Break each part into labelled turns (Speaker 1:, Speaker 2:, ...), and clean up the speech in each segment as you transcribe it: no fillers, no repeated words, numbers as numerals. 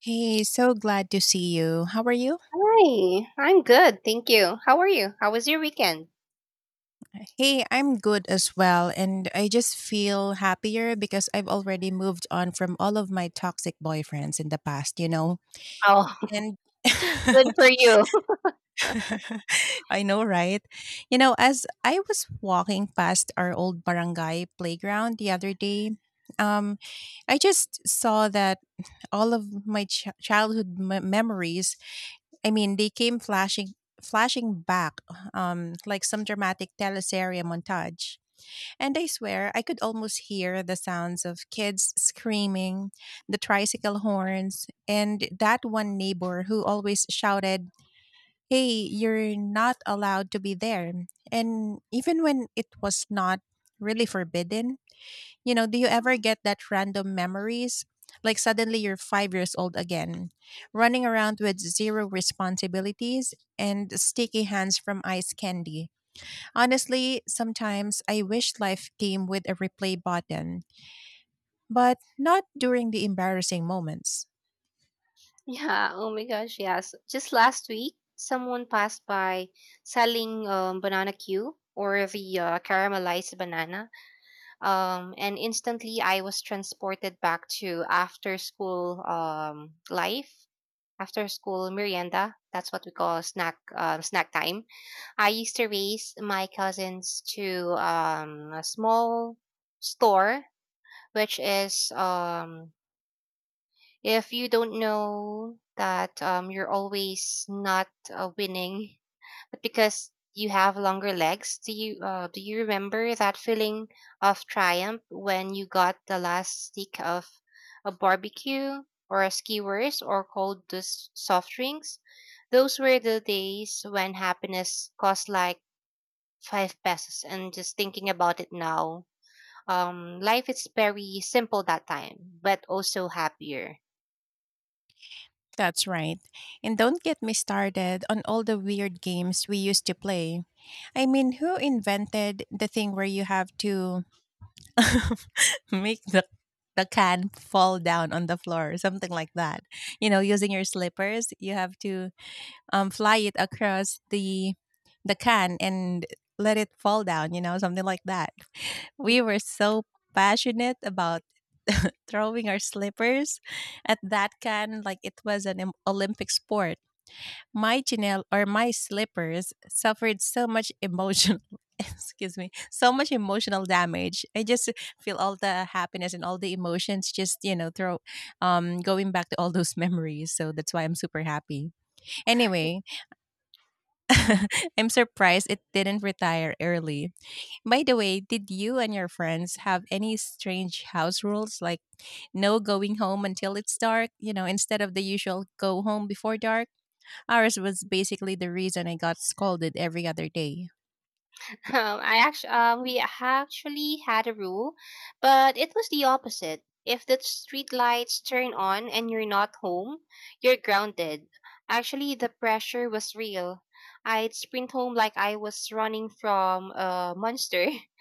Speaker 1: Hey, so glad to see you. How are you?
Speaker 2: Hi, I'm good, thank you. How are you? How was your weekend?
Speaker 1: Hey, I'm good as well, and I just feel happier because I've already moved on from all of my toxic boyfriends in the past, you know?
Speaker 2: Oh,
Speaker 1: And
Speaker 2: good for you.
Speaker 1: I know, right? You know, as I was walking past our old barangay playground the other day, um, I just saw that all of my childhood memories, I mean, they came flashing back, like some dramatic teleserie montage, and I swear I could almost hear the sounds of kids screaming, the tricycle horns, and that one neighbor who always shouted, "Hey, you're not allowed to be there," and even when it was not really forbidden. Do you ever get that random memories? Like suddenly you're 5 years old again, running around with zero responsibilities and sticky hands from ice candy. Honestly, sometimes I wish life came with a replay button, but not during the embarrassing moments.
Speaker 2: Yeah, oh my gosh, yes. Just last week, someone passed by selling banana Q or the caramelized banana. And instantly I was transported back to after school life, after school merienda. That's what we call snack snack time. I used to race my cousins to a small store which is if you don't know that you're always not winning, but because you have longer legs. Do you do you remember that feeling of triumph when you got the last stick of a barbecue or a skewers or cold soft drinks? Those were the days when happiness cost like five pesos, and just thinking about it now, life is very simple that time, but also happier.
Speaker 1: That's right. And don't get me started on all the weird games we used to play. I mean, who invented the thing where you have to make the can fall down on the floor or something like that? You know, using your slippers, you have to fly it across the can and let it fall down, you know, something like that. We were so passionate about throwing our slippers at that can like it was an Olympic sport. My Chanel or my slippers suffered so much emotional excuse me, so much emotional damage. I just feel all the happiness and all the emotions just, you know, throw going back to all those memories. So that's why I'm super happy. Anyway, I'm surprised it didn't retire early. By the way, did you and your friends have any strange house rules like no going home until it's dark, you know, instead of the usual go home before dark? Ours was basically the reason I got scolded every other day.
Speaker 2: We actually had a rule, but it was the opposite. If the street lights turn on and you're not home, you're grounded. Actually, the pressure was real. I'd sprint home like I was running from a monster.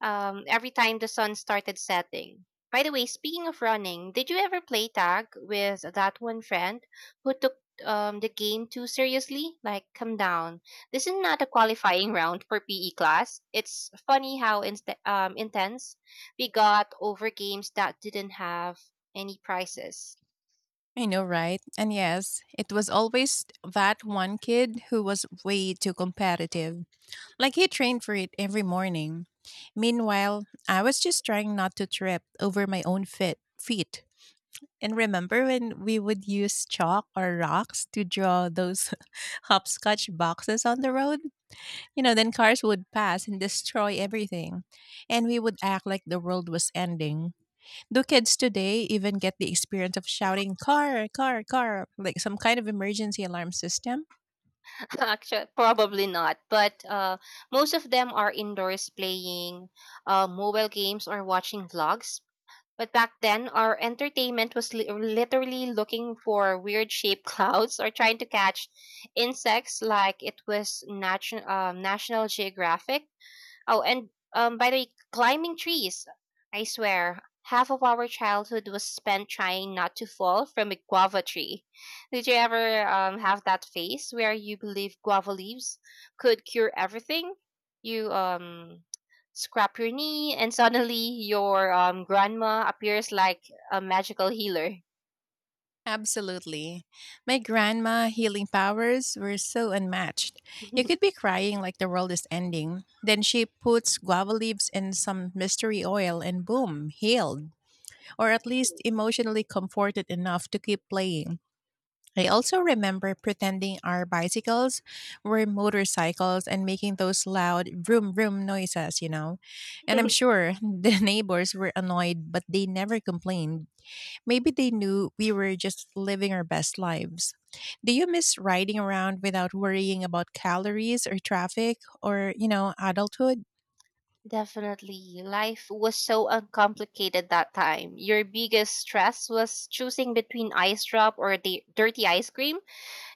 Speaker 2: Every time the sun started setting. By the way, speaking of running, did you ever play tag with that one friend who took the game too seriously? Like, come down. This is not a qualifying round for PE class. It's funny how intense we got over games that didn't have any prizes.
Speaker 1: I know, right? And yes, it was always that one kid who was way too competitive. Like he trained for it every morning. Meanwhile, I was just trying not to trip over my own feet. And remember when we would use chalk or rocks to draw those hopscotch boxes on the road? You know, then cars would pass and destroy everything. And we would act like the world was ending. Do kids today even get the experience of shouting, "Car, car, car," like some kind of emergency alarm system?
Speaker 2: Actually, probably not. But most of them are indoors playing mobile games or watching vlogs. But back then, our entertainment was literally looking for weird shaped clouds or trying to catch insects like it was National Geographic. Oh, and by the way, climbing trees. I swear, half of our childhood was spent trying not to fall from a guava tree. Did you ever have that phase where you believe guava leaves could cure everything? You scrap your knee, and suddenly your grandma appears like a magical healer.
Speaker 1: Absolutely. My grandma healing powers were so unmatched. You could be crying like the world is ending. Then she puts guava leaves in some mystery oil and boom, healed, or at least emotionally comforted enough to keep playing. I also remember pretending our bicycles were motorcycles and making those loud vroom vroom noises, you know. And I'm sure the neighbors were annoyed, but they never complained. Maybe they knew we were just living our best lives. Do you miss riding around without worrying about calories or traffic or, you know, adulthood?
Speaker 2: Definitely. Life was so uncomplicated that time. Your biggest stress was choosing between ice drop or the dirty ice cream.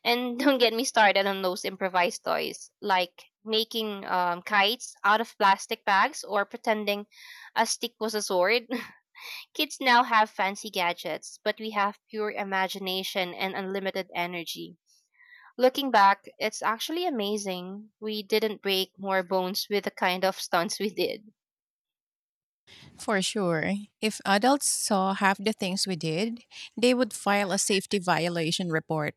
Speaker 2: And don't get me started on those improvised toys, like making kites out of plastic bags or pretending a stick was a sword. Kids now have fancy gadgets, but we have pure imagination and unlimited energy. Looking back, it's actually amazing we didn't break more bones with the kind of stunts we did.
Speaker 1: For sure. If adults saw half the things we did, they would file a safety violation report.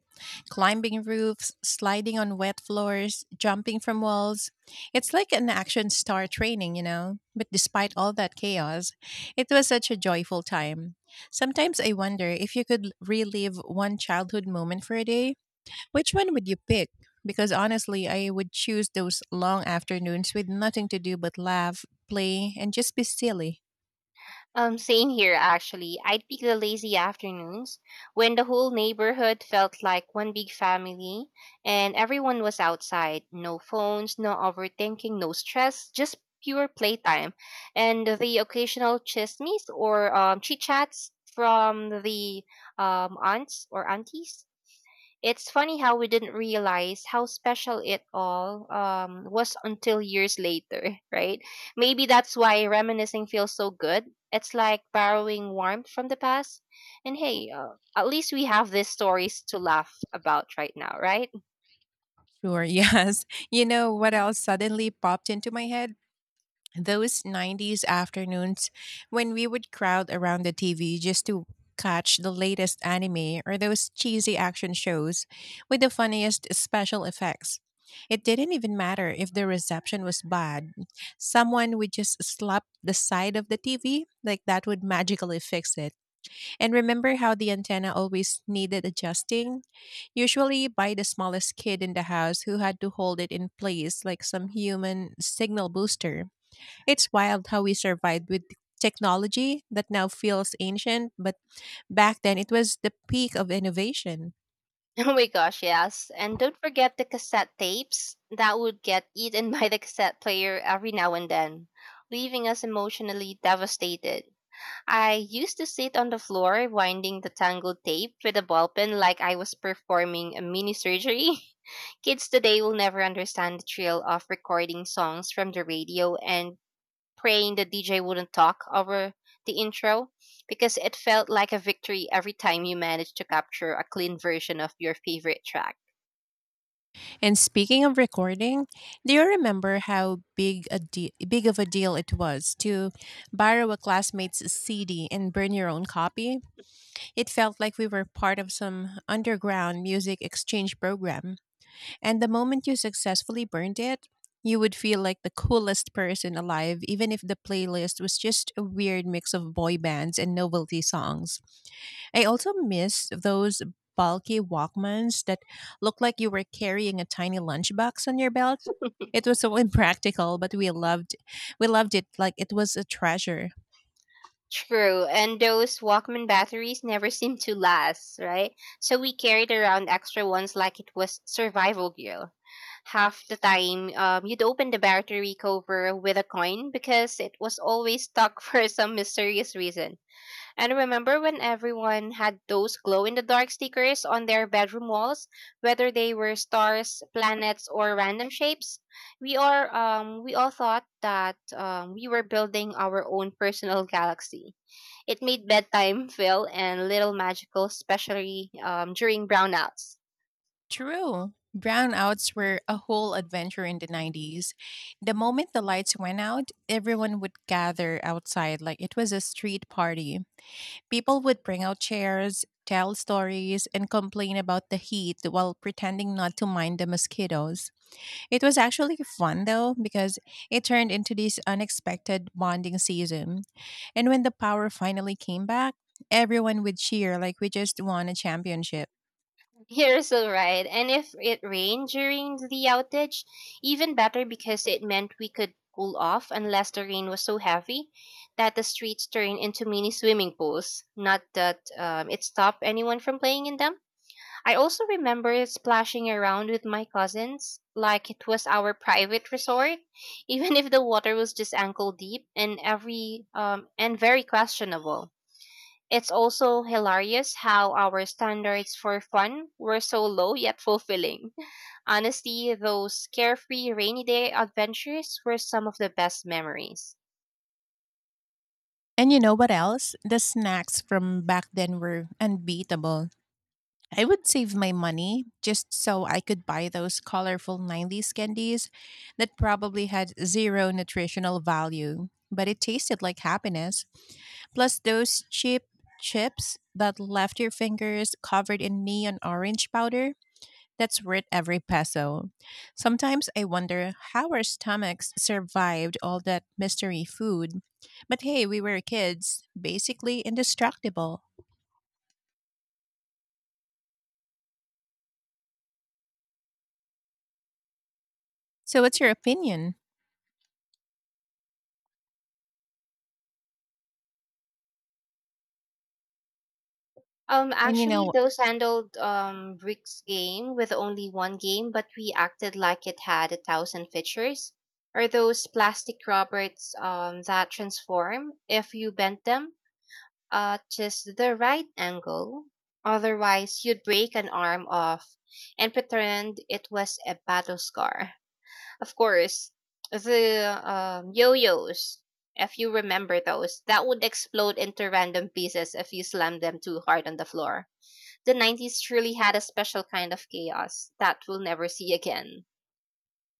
Speaker 1: Climbing roofs, sliding on wet floors, jumping from walls. It's like an action star training, you know? But despite all that chaos, it was such a joyful time. Sometimes I wonder, if you could relive one childhood moment for a day, which one would you pick? Because honestly, I would choose those long afternoons with nothing to do but laugh, play, and just be silly.
Speaker 2: Same here, actually. I'd pick the lazy afternoons when the whole neighborhood felt like one big family and everyone was outside. No phones, no overthinking, no stress, just pure playtime. And the occasional chismes or chit chats from the aunts or aunties. It's funny how we didn't realize how special it all was until years later, right? Maybe that's why reminiscing feels so good. It's like borrowing warmth from the past. And hey, at least we have these stories to laugh about right now, right?
Speaker 1: Sure, yes. You know what else suddenly popped into my head? Those 90s afternoons when we would crowd around the TV just to catch the latest anime or those cheesy action shows with the funniest special effects. It didn't even matter if the reception was bad. Someone would just slap the side of the TV, like that would magically fix it. And remember how the antenna always needed adjusting? Usually by the smallest kid in the house who had to hold it in place like some human signal booster. It's wild how we survived with technology that now feels ancient, but back then it was the peak of innovation.
Speaker 2: Oh my gosh, yes. And don't forget the cassette tapes that would get eaten by the cassette player every now and then, leaving us emotionally devastated. I used to sit on the floor winding the tangled tape with a ball pen like I was performing a mini surgery. Kids today will never understand the thrill of recording songs from the radio and praying the DJ wouldn't talk over the intro, because it felt like a victory every time you managed to capture a clean version of your favorite track.
Speaker 1: And speaking of recording, do you remember how big of a deal it was to borrow a classmate's CD and burn your own copy? It felt like we were part of some underground music exchange program, and the moment you successfully burned it, you would feel like the coolest person alive, even if the playlist was just a weird mix of boy bands and novelty songs. I also miss those bulky Walkmans that looked like you were carrying a tiny lunchbox on your belt. It was so impractical, but we loved it like it was a treasure.
Speaker 2: True, and those Walkman batteries never seem to last, right? So we carried around extra ones like it was survival gear. Half the time you'd open the battery cover with a coin because it was always stuck for some mysterious reason. And remember when everyone had those glow in the dark stickers on their bedroom walls, whether they were stars, planets, or random shapes? We all thought that we were building our own personal galaxy. It made bedtime feel and little magical, especially during brownouts.
Speaker 1: True. Brownouts were a whole adventure in the 90s. The moment the lights went out, everyone would gather outside like it was a street party. People would bring out chairs, tell stories, and complain about the heat while pretending not to mind the mosquitoes. It was actually fun though, because it turned into this unexpected bonding season. And when the power finally came back, everyone would cheer like we just won a championship.
Speaker 2: You're so right. And if it rained during the outage, even better because it meant we could cool off, unless the rain was so heavy that the streets turned into mini swimming pools. Not that it stopped anyone from playing in them. I also remember splashing around with my cousins like it was our private resort, even if the water was just ankle deep and every and very questionable. It's also hilarious how our standards for fun were so low yet fulfilling. Honestly, those carefree rainy day adventures were some of the best memories.
Speaker 1: And you know what else? The snacks from back then were unbeatable. I would save my money just so I could buy those colorful 90s candies that probably had zero nutritional value, but it tasted like happiness. Plus, those cheap chips that left your fingers covered in neon orange powder, that's worth every peso. Sometimes I wonder how our stomachs survived all that mystery food. But hey, we were kids, basically indestructible. So, what's your opinion? And you
Speaker 2: Actually,
Speaker 1: know.
Speaker 2: those handled Rick's game with only one game, but we acted like it had a thousand features. Or those plastic robots that transform if you bent them at just the right angle. Otherwise, you'd break an arm off and pretend it was a battle scar. Of course, the yo-yos, if you remember those, that would explode into random pieces if you slammed them too hard on the floor. The 90s truly had a special kind of chaos that we'll never see again.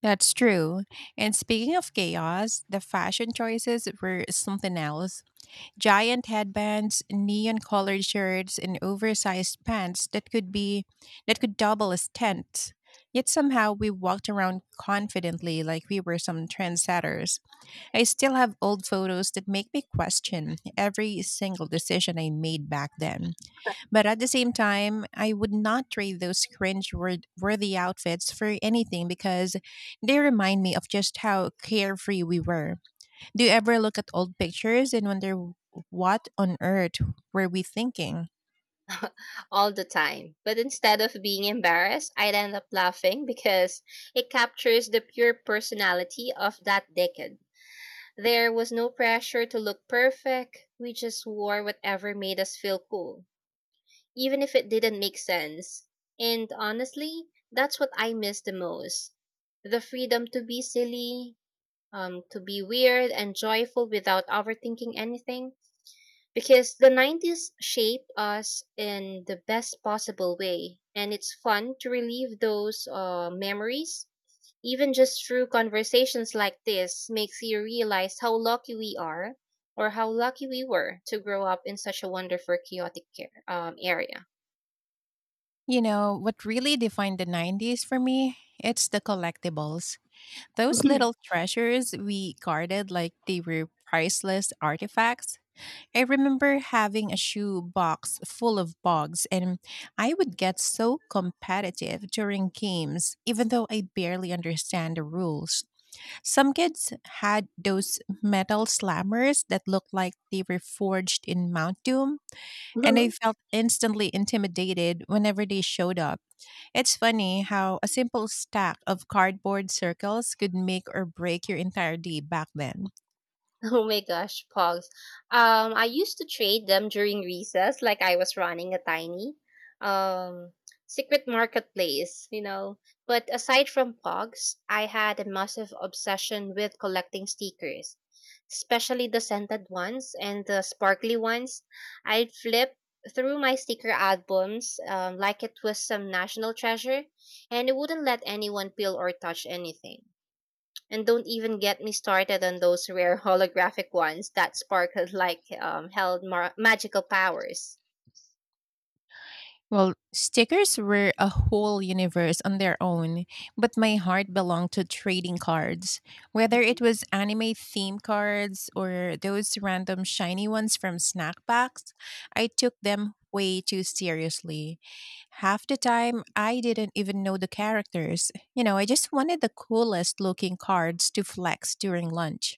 Speaker 1: That's true. And speaking of chaos, the fashion choices were something else. Giant headbands, neon colored shirts, and oversized pants that could be that could double as tents. Yet somehow we walked around confidently like we were some trendsetters. I still have old photos that make me question every single decision I made back then. But at the same time, I would not trade those cringe worthy outfits for anything, because they remind me of just how carefree we were. Do you ever look at old pictures and wonder, what on earth were we thinking?
Speaker 2: All the time. But instead of being embarrassed, I'd end up laughing because it captures the pure personality of that decade. There was no pressure to look perfect. We just wore whatever made us feel cool, even if it didn't make sense. And honestly, that's what I miss the most. The freedom to be silly, to be weird and joyful without overthinking anything. Because the 90s shaped us in the best possible way, and it's fun to relive those memories. Even just through conversations like this makes you realize how lucky we are, or how lucky we were to grow up in such a wonderful, chaotic care, area.
Speaker 1: You know, what really defined the 90s for me, it's the collectibles. Those little treasures we guarded like they were priceless artifacts. I remember having a shoe box full of bugs, and I would get so competitive during games, even though I barely understand the rules. Some kids had those metal slammers that looked like they were forged in Mount Doom, and I felt instantly intimidated whenever they showed up. It's funny how a simple stack of cardboard circles could make or break your entire day back then.
Speaker 2: Oh my gosh, pogs. I used to trade them during recess, like I was running a tiny um secret marketplace, you know. But aside from pogs, I had a massive obsession with collecting stickers, especially the scented ones and the sparkly ones. I'd flip through my sticker albums like it was some national treasure, and it wouldn't let anyone peel or touch anything. And don't even get me started on those rare holographic ones that sparkled like held magical powers.
Speaker 1: Well, stickers were a whole universe on their own, but my heart belonged to trading cards. Whether it
Speaker 2: Mhm.
Speaker 1: was anime theme cards or those random shiny ones from snack packs, I took them way too seriously. Half the time, I didn't even know the characters. You know, I just wanted the coolest looking cards to flex during lunch.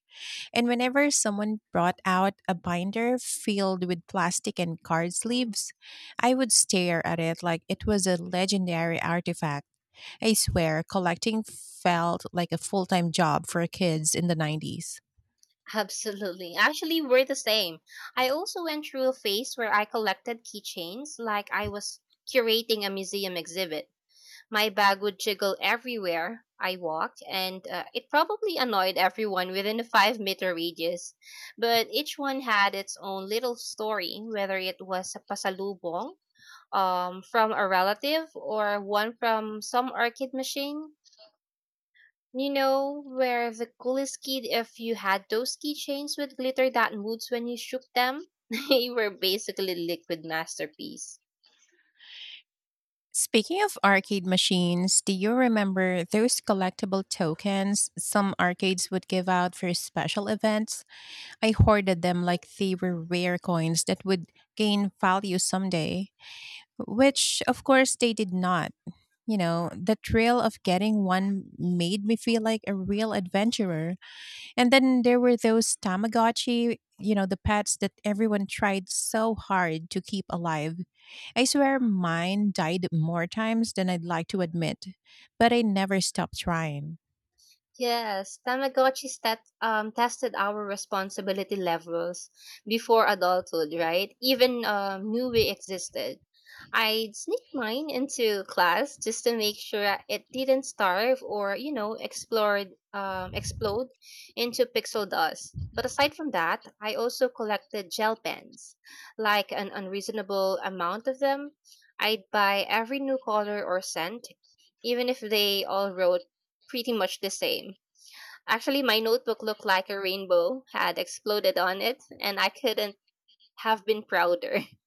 Speaker 1: And whenever someone brought out a binder filled with plastic and card sleeves, I would stare at it like it was a legendary artifact. I swear, collecting felt like a full time job for kids in the 90s.
Speaker 2: Absolutely. Actually, we're the same. I also went through a phase where I collected keychains like I was curating a museum exhibit. My bag would jiggle everywhere I walked, and it probably annoyed everyone within a 5 meter radius. But each one had its own little story, whether it was a pasalubong from a relative or one from some arcade machine. You know, where the coolest kid, if you had those keychains with glitter that moves when you shook them, they were basically liquid masterpiece.
Speaker 1: Speaking of arcade machines, do you remember those collectible tokens some arcades would give out for special events? I hoarded them like they were rare coins that would gain value someday, which of course they did not. You know, the thrill of getting one made me feel like a real adventurer. And then there were those Tamagotchi, you know, the pets that everyone tried so hard to keep alive. I swear mine died more times than I'd like to admit, but I never stopped trying.
Speaker 2: Yes, Tamagotchis that tested our responsibility levels before adulthood, right? Even knew we existed. I'd sneak mine into class just to make sure it didn't starve or, you know, explode, explode into pixel dust. But aside from that, I also collected gel pens, like an unreasonable amount of them. I'd buy every new color or scent, even if they all wrote pretty much the same. Actually, my notebook looked like a rainbow had exploded on it, and I couldn't have been prouder.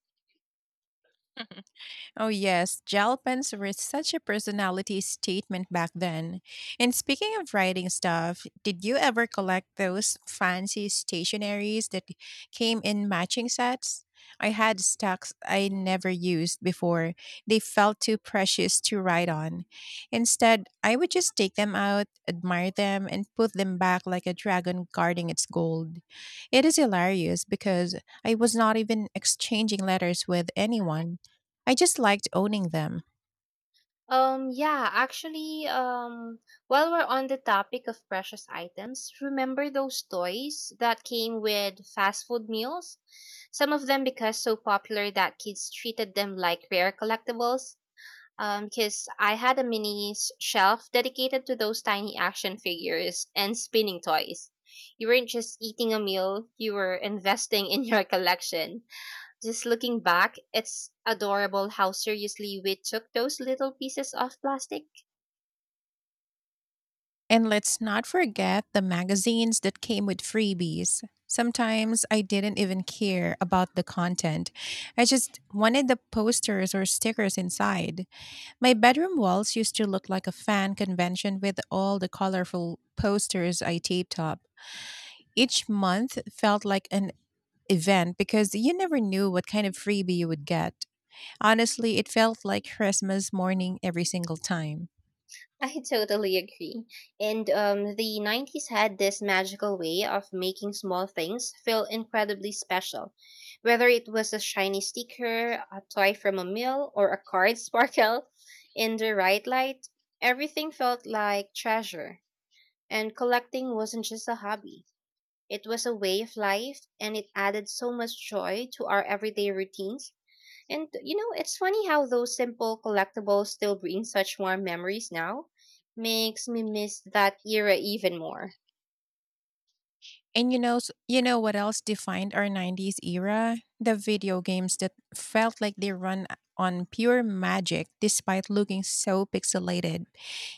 Speaker 1: Oh, yes, gel pens were such a personality statement back then. And speaking of writing stuff, did you ever collect those fancy stationaries that came in matching sets? I had stacks I never used before. They felt too precious to write on. Instead, I would just take them out, admire them, and put them back like a dragon guarding its gold. It is hilarious because I was not even exchanging letters with anyone. I just liked owning them.
Speaker 2: Um, yeah, actually, um, while we're on the topic of precious items, remember those toys that came with fast food meals? Some of them because so popular that kids treated them like rare collectibles. Because I had a mini shelf dedicated to those tiny action figures and spinning toys. You weren't just eating a meal, you were investing in your collection. Just looking back, it's adorable how seriously we took those little pieces of plastic.
Speaker 1: And let's not forget the magazines that came with freebies. Sometimes I didn't even care about the content. I just wanted the posters or stickers inside. My bedroom walls used to look like a fan convention with all the colorful posters I taped up. Each month felt like an event because you never knew what kind of freebie you would get. Honestly, it felt like Christmas morning every single time.
Speaker 2: I totally agree. And the 90s had this magical way of making small things feel incredibly special. Whether it was a shiny sticker, a toy from a mill, or a card sparkle in the right light, everything felt like treasure. And collecting wasn't just a hobby. It was a way of life, and it added so much joy to our everyday routines. And you know, it's funny how those simple collectibles still bring such warm memories now. Makes me miss that era even more.
Speaker 1: And you know, you know what else defined our 90s era? The video games that felt like they run on pure magic despite looking so pixelated.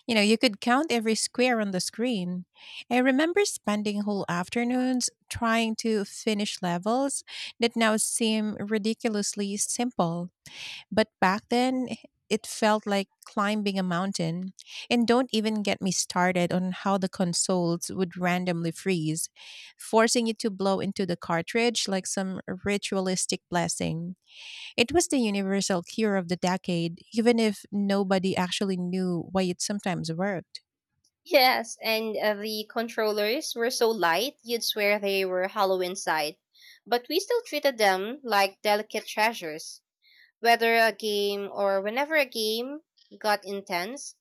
Speaker 1: You know, you could count every square on the screen. I remember spending whole afternoons trying to finish levels that now seem ridiculously simple. But back then, it felt like climbing a mountain. And don't even get me started on how the consoles would randomly freeze, forcing you to blow into the cartridge like some ritualistic blessing. It was the universal cure of the decade, even if nobody actually knew why it sometimes worked.
Speaker 2: Yes, and the controllers were so light, you'd swear they were hollow inside. But we still treated them like delicate treasures. Whether a game or whenever a game got intense,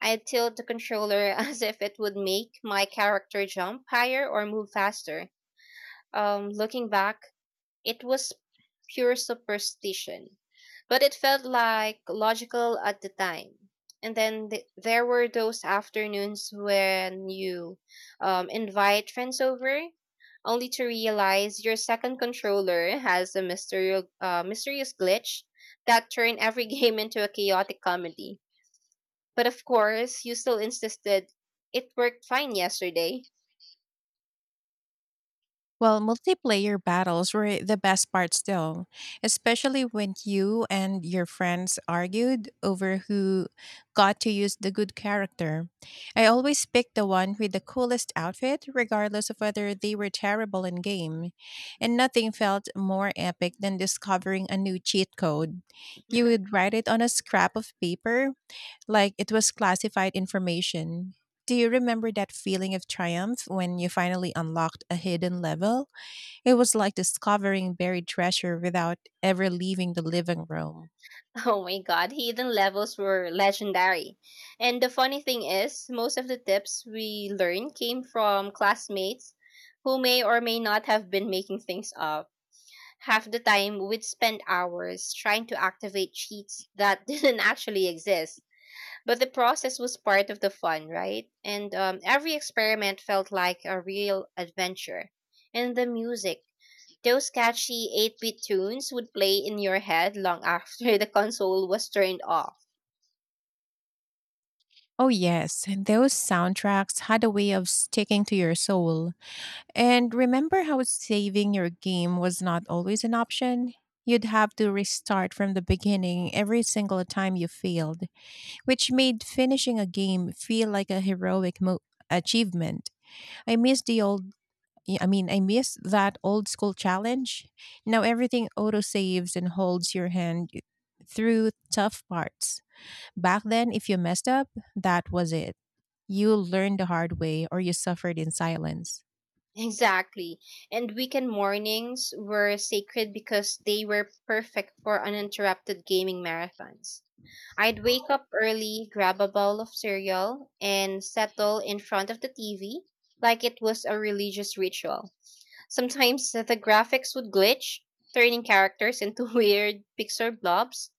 Speaker 2: I'd tilt the controller as if it would make my character jump higher or move faster. Looking back, it was pure superstition, but it felt like logical at the time. And then there were those afternoons when you invite friends over, only to realize your second controller has a mysterious glitch that turned every game into a chaotic comedy. But of course, you still insisted it worked fine yesterday.
Speaker 1: Well, multiplayer battles were the best part still, especially when you and your friends argued over who got to use the good character. I always picked the one with the coolest outfit, regardless of whether they were terrible in game, and nothing felt more epic than discovering a new cheat code. You would write it on a scrap of paper like it was classified information. Do you remember that feeling of triumph when you finally unlocked a hidden level? It was like discovering buried treasure without ever leaving the living room.
Speaker 2: Oh my god, hidden levels were legendary. And the funny thing is, most of the tips we learned came from classmates who may or may not have been making things up. Half the time, we'd spend hours trying to activate cheats that didn't actually exist. But the process was part of the fun, right? And every experiment felt like a real adventure. And the music, those catchy 8-bit tunes would play in your head long after the console was turned off.
Speaker 1: Oh, yes, and those soundtracks had a way of sticking to your soul. And remember how saving your game was not always an option? You'd have to restart from the beginning every single time you failed, which made finishing a game feel like a heroic achievement. I miss the old I mean, I miss that old school challenge. Now everything autosaves and holds your hand through tough parts. Back then, if you messed up, that was it. You learned the hard way or you suffered in silence.
Speaker 2: Exactly. And weekend mornings were sacred because they were perfect for uninterrupted gaming marathons. I'd wake up early, grab a bowl of cereal, and settle in front of the TV like it was a religious ritual. Sometimes the graphics would glitch, turning characters into weird pixel blobs,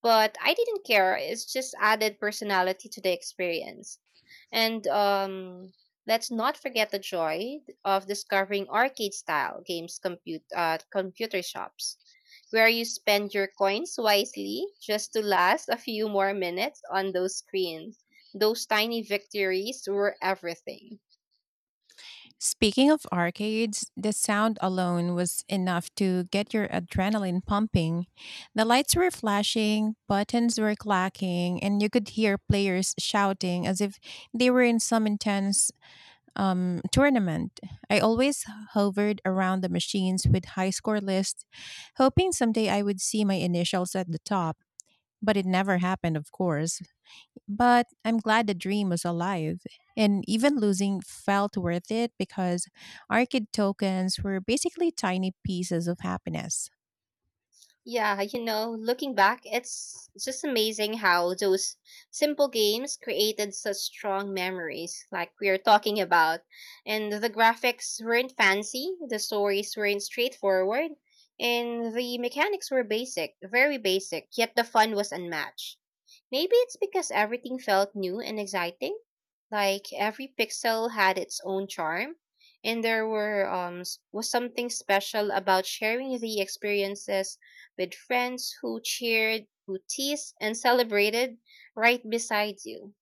Speaker 2: but I didn't care. It's just added personality to the experience. And let's not forget the joy of discovering arcade style games computer shops where you spend your coins wisely just to last a few more minutes on those screens. Those tiny victories were everything.
Speaker 1: Speaking of arcades, the sound alone was enough to get your adrenaline pumping. The lights were flashing, buttons were clacking, and you could hear players shouting as if they were in some intense tournament. I always hovered around the machines with high score lists, hoping someday I would see my initials at the top, but it never happened, of course. But I'm glad the dream was alive, and even losing felt worth it because ARCID tokens were basically tiny pieces of happiness.
Speaker 2: Yeah, you know, looking back, it's just amazing how those simple games created such strong memories, like we are talking about. And the graphics weren't fancy, the stories weren't straightforward, and the mechanics were basic, very basic, yet the fun was unmatched. Maybe it's because everything felt new and exciting, like every pixel had its own charm. And there was something special about sharing the experiences with friends who cheered, who teased, and celebrated right beside you.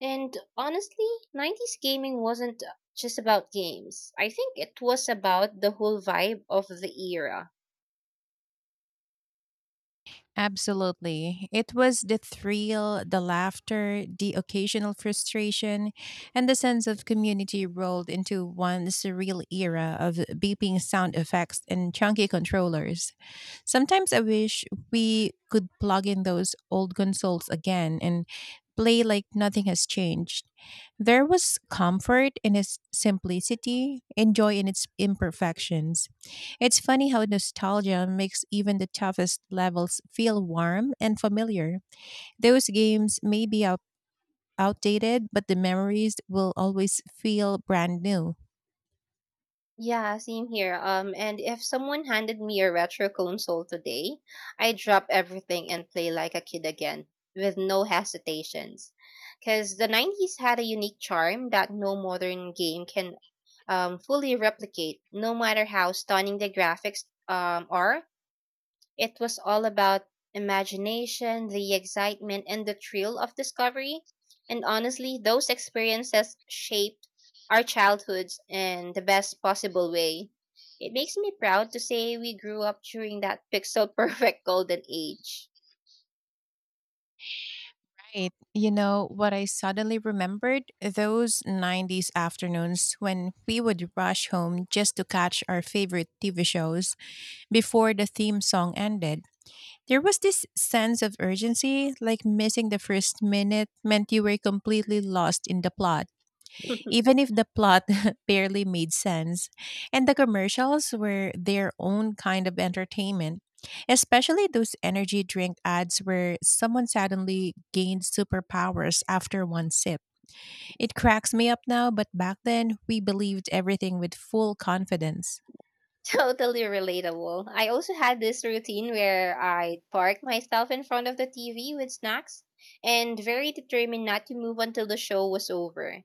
Speaker 2: And honestly, '90s gaming wasn't just about games. I think it was about the whole vibe of the era.
Speaker 1: Absolutely. It was the thrill, the laughter, the occasional frustration, and the sense of community rolled into one surreal era of beeping sound effects and chunky controllers. Sometimes I wish we could plug in those old consoles again and play like nothing has changed. There was comfort in its simplicity and joy in its imperfections. It's funny how nostalgia makes even the toughest levels feel warm and familiar. Those games may be outdated, but the memories will always feel brand new.
Speaker 2: Yeah, same here. And if someone handed me a retro console today, I'd drop everything and play like a kid again with no hesitations. Because the '90s had a unique charm that no modern game can fully replicate, no matter how stunning the graphics are. It was all about imagination, the excitement, and the thrill of discovery. And honestly, those experiences shaped our childhoods in the best possible way. It makes me proud to say we grew up during that pixel perfect golden age.
Speaker 1: Right. You know what I suddenly remembered? Those 90s afternoons when we would rush home just to catch our favorite TV shows before the theme song ended. There was this sense of urgency, like missing the first minute meant you were completely lost in the plot even if the plot barely made sense. And the commercials were their own kind of entertainment, especially those energy drink ads where someone suddenly gained superpowers after one sip. It cracks me up now, but back then we believed everything with full confidence.
Speaker 2: Totally relatable. I also had this routine where I'd park myself in front of the TV with snacks and very determined not to move until the show was over.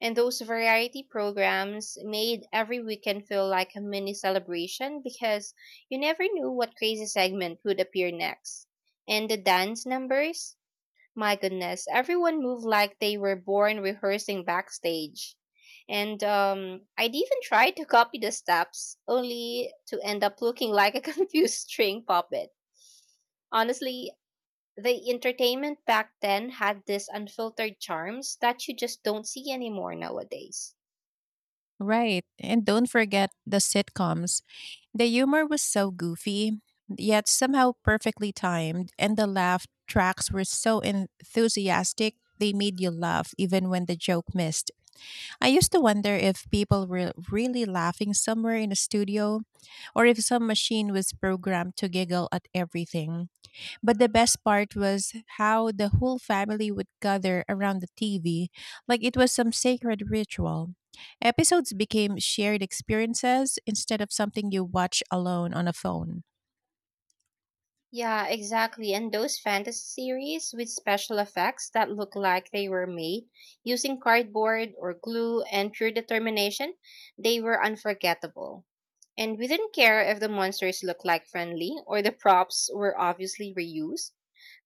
Speaker 2: And those variety programs made every weekend feel like a mini celebration because you never knew what crazy segment would appear next. And the dance numbers, my goodness, everyone moved like they were born rehearsing backstage. And I'd even try to copy the steps, only to end up looking like a confused string puppet. Honestly, the entertainment back then had these unfiltered charms that you just don't see anymore nowadays.
Speaker 1: Right. And don't forget the sitcoms. The humor was so goofy, yet somehow perfectly timed, and the laugh tracks were so enthusiastic. They made you laugh even when the joke missed. I used to wonder if people were really laughing somewhere in a studio or if some machine was programmed to giggle at everything. But the best part was how the whole family would gather around the TV like it was some sacred ritual. Episodes became shared experiences instead of something you watch alone on a phone.
Speaker 2: Yeah, exactly. And those fantasy series with special effects that look like they were made using cardboard or glue and pure determination, they were unforgettable. And we didn't care if the monsters looked like friendly or the props were obviously reused.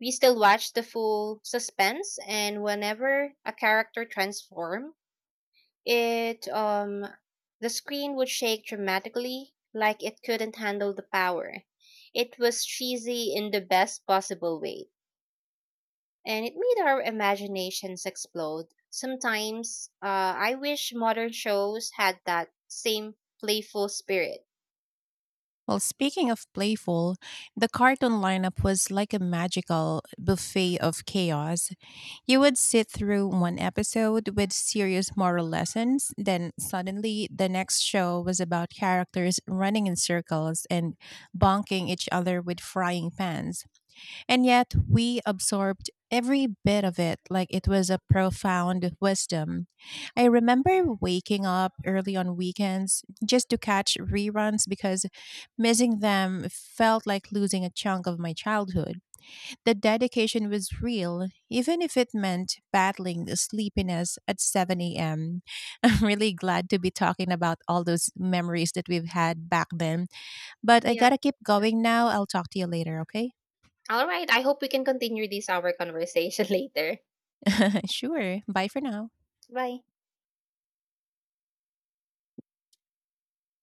Speaker 2: We still watched the full suspense, and whenever a character transformed, it the screen would shake dramatically, like it couldn't handle the power. It was cheesy in the best possible way, and it made our imaginations explode. Sometimes, I wish modern shows had that same playful spirit.
Speaker 1: Well, speaking of playful, the cartoon lineup was like a magical buffet of chaos. You would sit through one episode with serious moral lessons, then suddenly the next show was about characters running in circles and bonking each other with frying pans. And yet we absorbed every bit of it like it was a profound wisdom. I remember waking up early on weekends just to catch reruns because missing them felt like losing a chunk of my childhood. The dedication was real, even if it meant battling the sleepiness at 7 a.m. I'm really glad to be talking about all those memories that we've had back then. But I
Speaker 2: Yeah.
Speaker 1: gotta keep going now. I'll talk to you later, okay?
Speaker 2: All right. I hope we can continue this our conversation later.
Speaker 1: Sure. Bye for now.
Speaker 2: Bye.